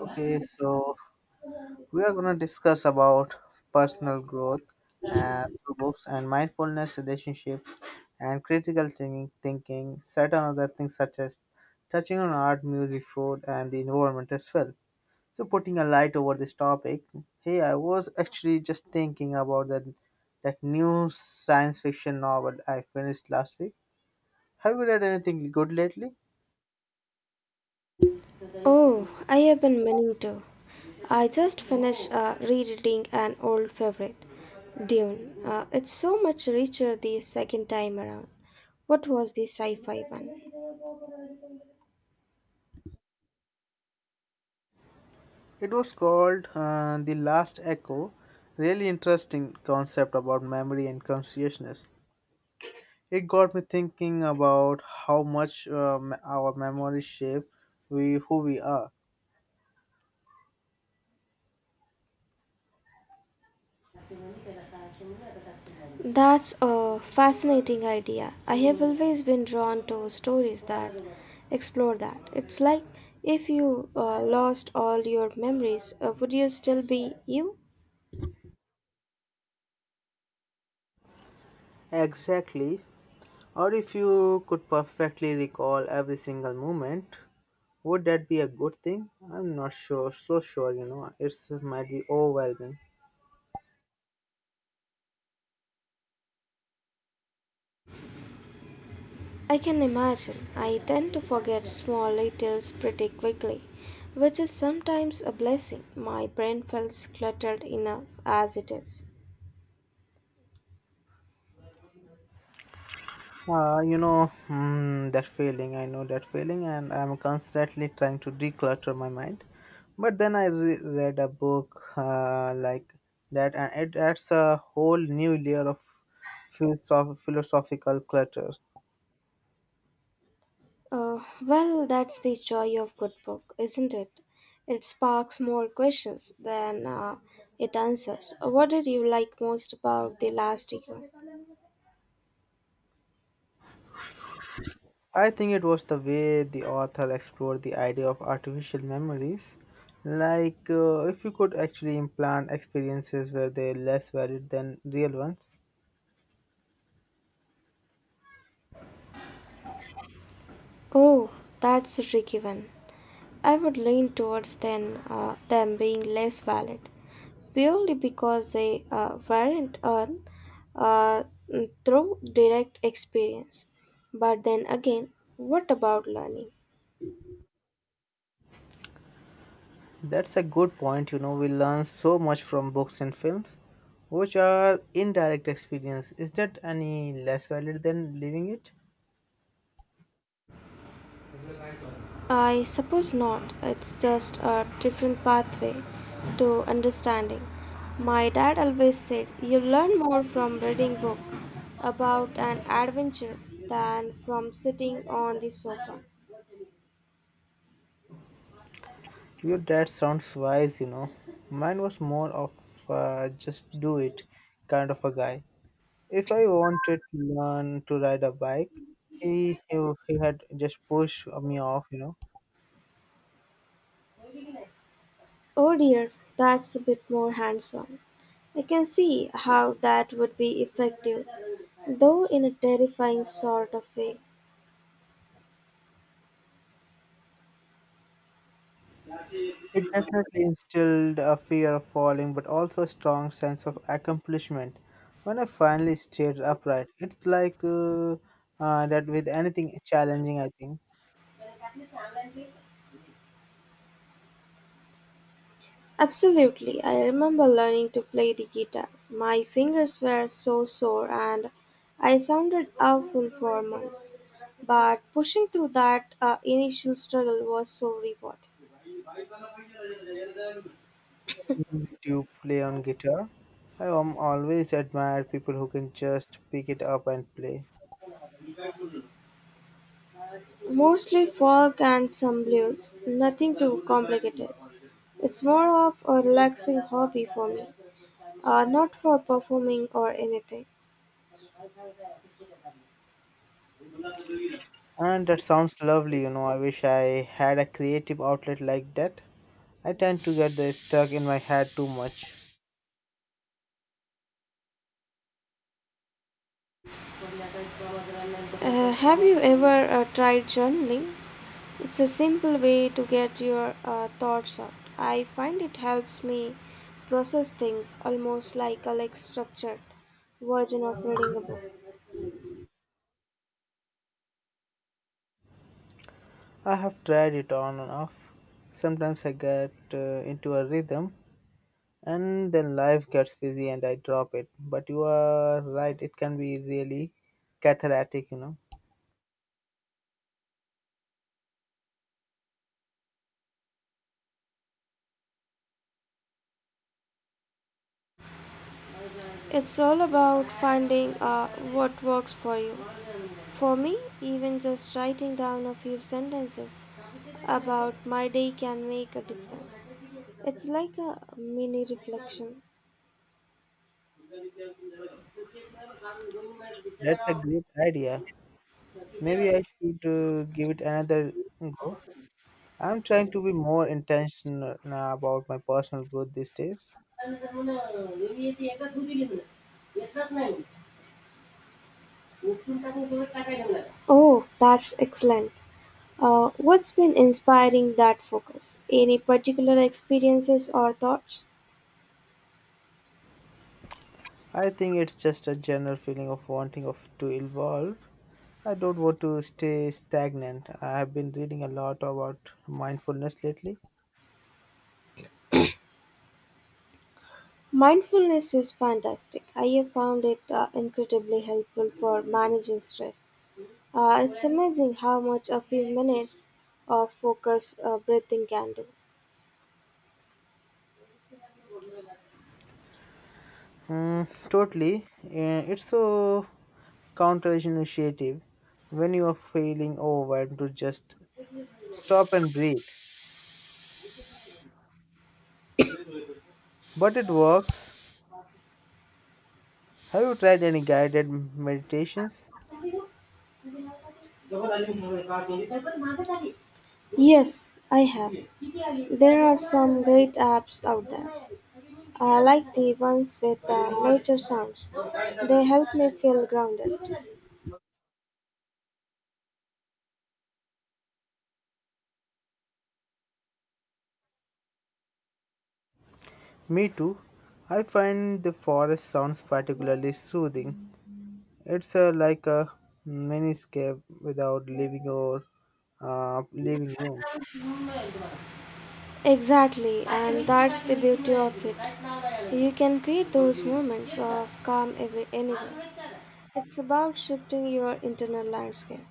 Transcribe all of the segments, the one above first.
Okay, so we are going to discuss about personal growth and through books and mindfulness relationships and critical thinking, certain other things such as touching on art, music, food, and the environment as well. So putting a light over this topic, hey, I was actually just thinking about that new science fiction novel I finished last week. Have you read anything good lately? Oh, I have been meaning to. I just finished rereading an old favorite, Dune. It's so much richer the second time around. What was the sci fi one? It was called The Last Echo. Really interesting concept about memory and consciousness. It got me thinking about how much our memories shape we, who we are. That's a fascinating idea. I have always been drawn to stories that explore that. It's like if you lost all your memories, would you still be you? Exactly. Or if you could perfectly recall every single moment, would that be a good thing? I'm not sure, so sure, you know. It's might be overwhelming. I can imagine. I tend to forget small details pretty quickly, which is sometimes a blessing. My brain feels cluttered enough as it is. That feeling, I know that feeling, and I'm constantly trying to declutter my mind. But then I read a book like that, and it adds a whole new layer of philosophical clutter. Well, that's the joy of good book, isn't it? It sparks more questions than it answers. What did you like most about the last year? I think it was the way the author explored the idea of artificial memories. Like, if you could actually implant experiences where they're less valid than real ones. Oh, that's a tricky one. I would lean towards then them being less valid, purely because they weren't earned uh, through direct experience. But then again, what about learning? That's a good point. You know, we learn so much from books and films, which are indirect experience. Is that any less valid than living it? I suppose not. It's just a different pathway to understanding. My dad always said you learn more from reading book about an adventure than from sitting on the sofa. Your dad sounds wise, you know. Mine was more of just do it kind of a guy. If I wanted to learn to ride a bike, he he, he had just pushed me off, you know. Oh dear, that's a bit more hands on. I can see how that would be effective, though in a terrifying sort of way. It definitely instilled a fear of falling, but also a strong sense of accomplishment. When I finally stayed upright, it's like that with anything challenging, I think. Absolutely, I remember learning to play the guitar. My fingers were so sore and I sounded awful for months. But pushing through that initial struggle was so rewarding. Music to play on guitar, I am always admire people who can just pick it up and play. Mostly folk and some blues, nothing too complicated. It's more of a relaxing hobby for me, not for performing or anything. And that sounds lovely, you know. I wish I had a creative outlet like that. I tend to get the stuck in my head too much. Have you ever tried journaling? It's a simple way to get your thoughts out. I find it helps me process things almost like structured version of reading a book. I have tried it on and off. Sometimes I get into a rhythm, and then life gets busy and I drop it. But you are right, it can be really cathartic, you know. It's all about finding what works for you. For me, even just writing down a few sentences about my day can make a difference. It's like a mini reflection. That's a great idea. Maybe I should give it another go. I'm trying to be more intentional about my personal growth these days. Oh, that's excellent. What's been inspiring that focus? Any particular experiences or thoughts? I think it's just a general feeling of wanting of to evolve. I don't want to stay stagnant. I have been reading a lot about mindfulness lately. Mindfulness is fantastic. I have found it incredibly helpful for managing stress. It's amazing how much a few minutes of focus breathing can Mm, totally. It's a counter initiative when you are feeling overwhelmed to just stop and breathe. do. But it works. Have you tried any guided meditations? Yes, I have. There are some great apps out there. I like the ones with nature sounds. They help me feel grounded. Me too. I find the forest sounds particularly soothing. It's like a miniscape without leaving your living room. Exactly, and that's the beauty of it. You can create those moments of calm anywhere. It's about shifting your internal landscape.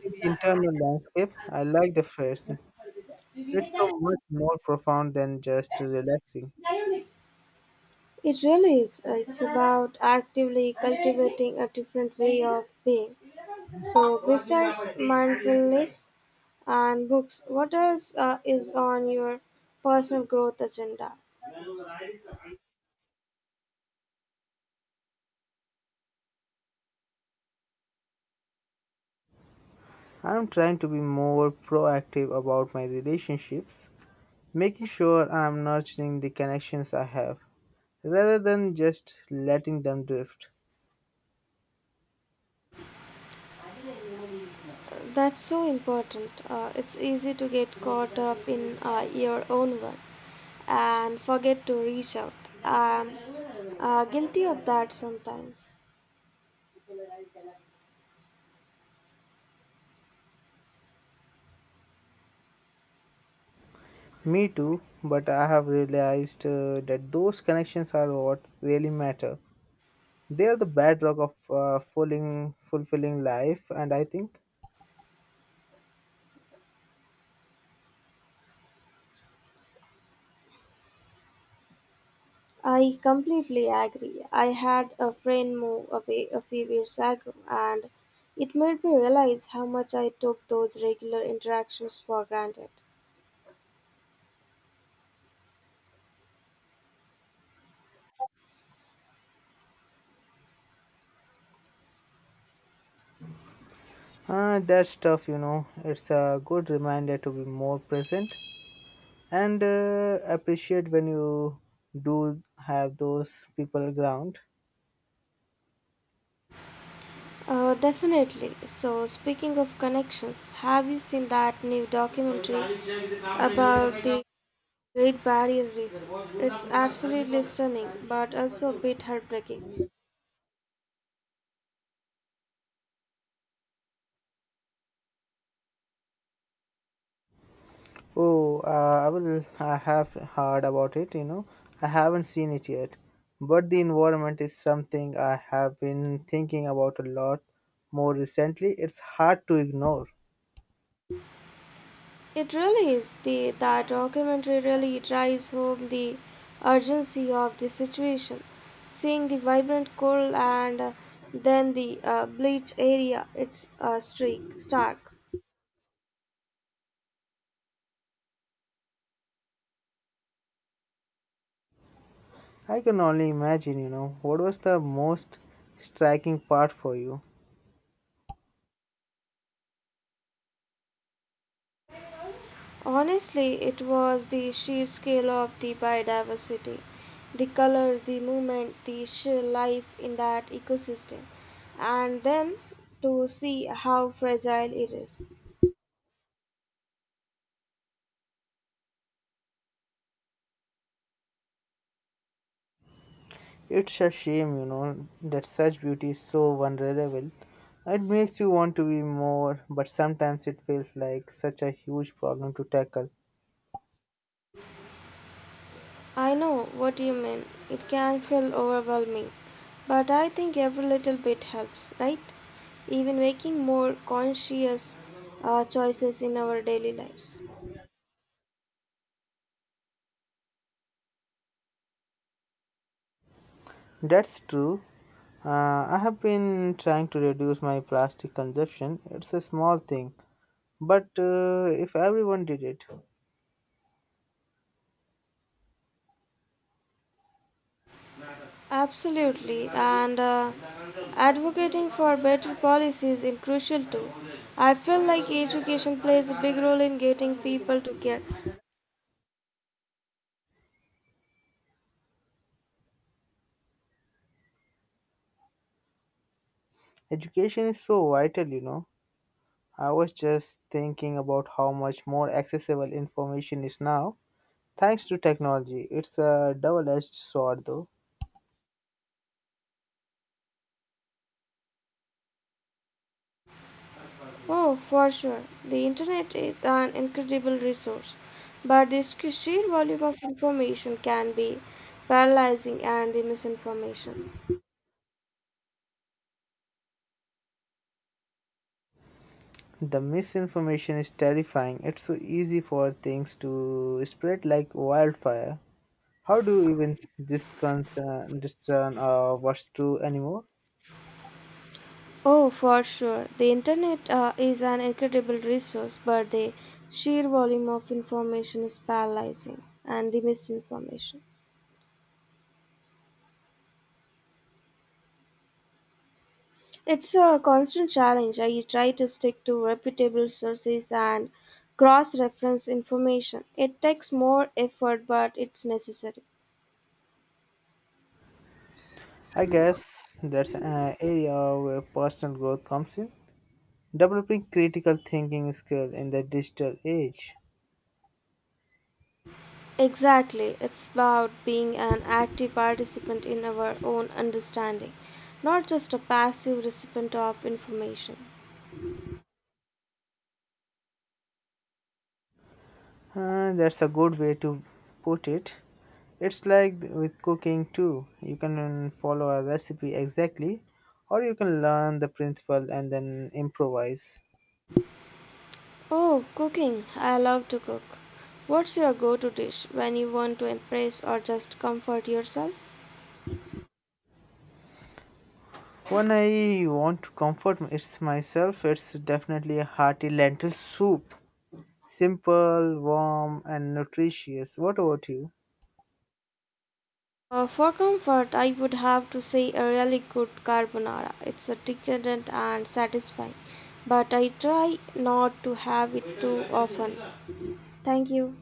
The internal landscape, I like the phrase. It's so much more profound than just relaxing. It really is. It's about actively cultivating a different way of being. So, besides mindfulness and books, what else is on your personal growth agenda? I'm trying to be more proactive about my relationships, making sure I'm nurturing the connections I have rather than just letting them drift. That's so important. It's easy to get caught up in your own work and forget to reach out. I'm guilty of that sometimes. Me too, but I have realized that those connections are what really matter. They are the bedrock of fulfilling life, and I think I completely agree. I had a friend move away a few years ago, and it made me realize how much I took those regular interactions for granted. That stuff, you know, it's a good reminder to be more present and appreciate when you do have those people around. Definitely. So, speaking of connections, have you seen that new documentary about the Great Barrier Reef? It's absolutely stunning, but also a bit heartbreaking. Oh, I will. I have heard about it. You know, I haven't seen it yet, but the environment is something I have been thinking about a lot more recently. It's hard to ignore. It really is. That documentary really drives home the urgency of the situation. Seeing the vibrant coral and then the bleach area, it's stark. I can only imagine. You know, what was the most striking part for you? Honestly, it was the sheer scale of the biodiversity, the colors, the movement, the sheer life in that ecosystem, and then to see how fragile it is. It's a shame, you know, that such beauty is so vulnerable. It makes you want to be more, but sometimes it feels like such a huge problem to tackle. I know what you mean. It can feel overwhelming, but I think every little bit helps, right? Even making more conscious choices in our daily lives. That's true. I have been trying to reduce my plastic consumption. It's a small thing, but if everyone did it, Absolutely, and advocating for better policies is crucial too. I feel like education plays a big role in getting people to care. education is so vital, you know. I was just thinking about how much more accessible information is now thanks to technology. It's a double edged sword, though. Oh, for sure. The internet is an incredible resource, but the sheer volume of information can be paralyzing and the misinformation. The misinformation is terrifying. It's so easy for things to spread like wildfire. How do you even this concern discern what's true anymore? Oh, for sure. The internet is an incredible resource, but the sheer volume of information is paralyzing and the misinformation. It's a constant challenge. I try to stick to reputable sources and cross reference information. It takes more effort, but it's necessary. I guess that's an area where personal growth comes in. Developing critical thinking skill in the digital age. Exactly, it's about being an active participant in our own understanding, not just a passive recipient of information. That's a good way to put it. It's like with cooking too. You can follow a recipe exactly, or you can learn the principle and then improvise. Oh, cooking. I love to cook. What's your go to dish when you want to impress or just comfort yourself? When I want to comfort it's myself, it's definitely a hearty lentil soup. Simple, warm, and nutritious. What about you? For comfort, I would have to say a really good carbonara. It's a decadent and satisfying, but I try not to have it too often. Thank you.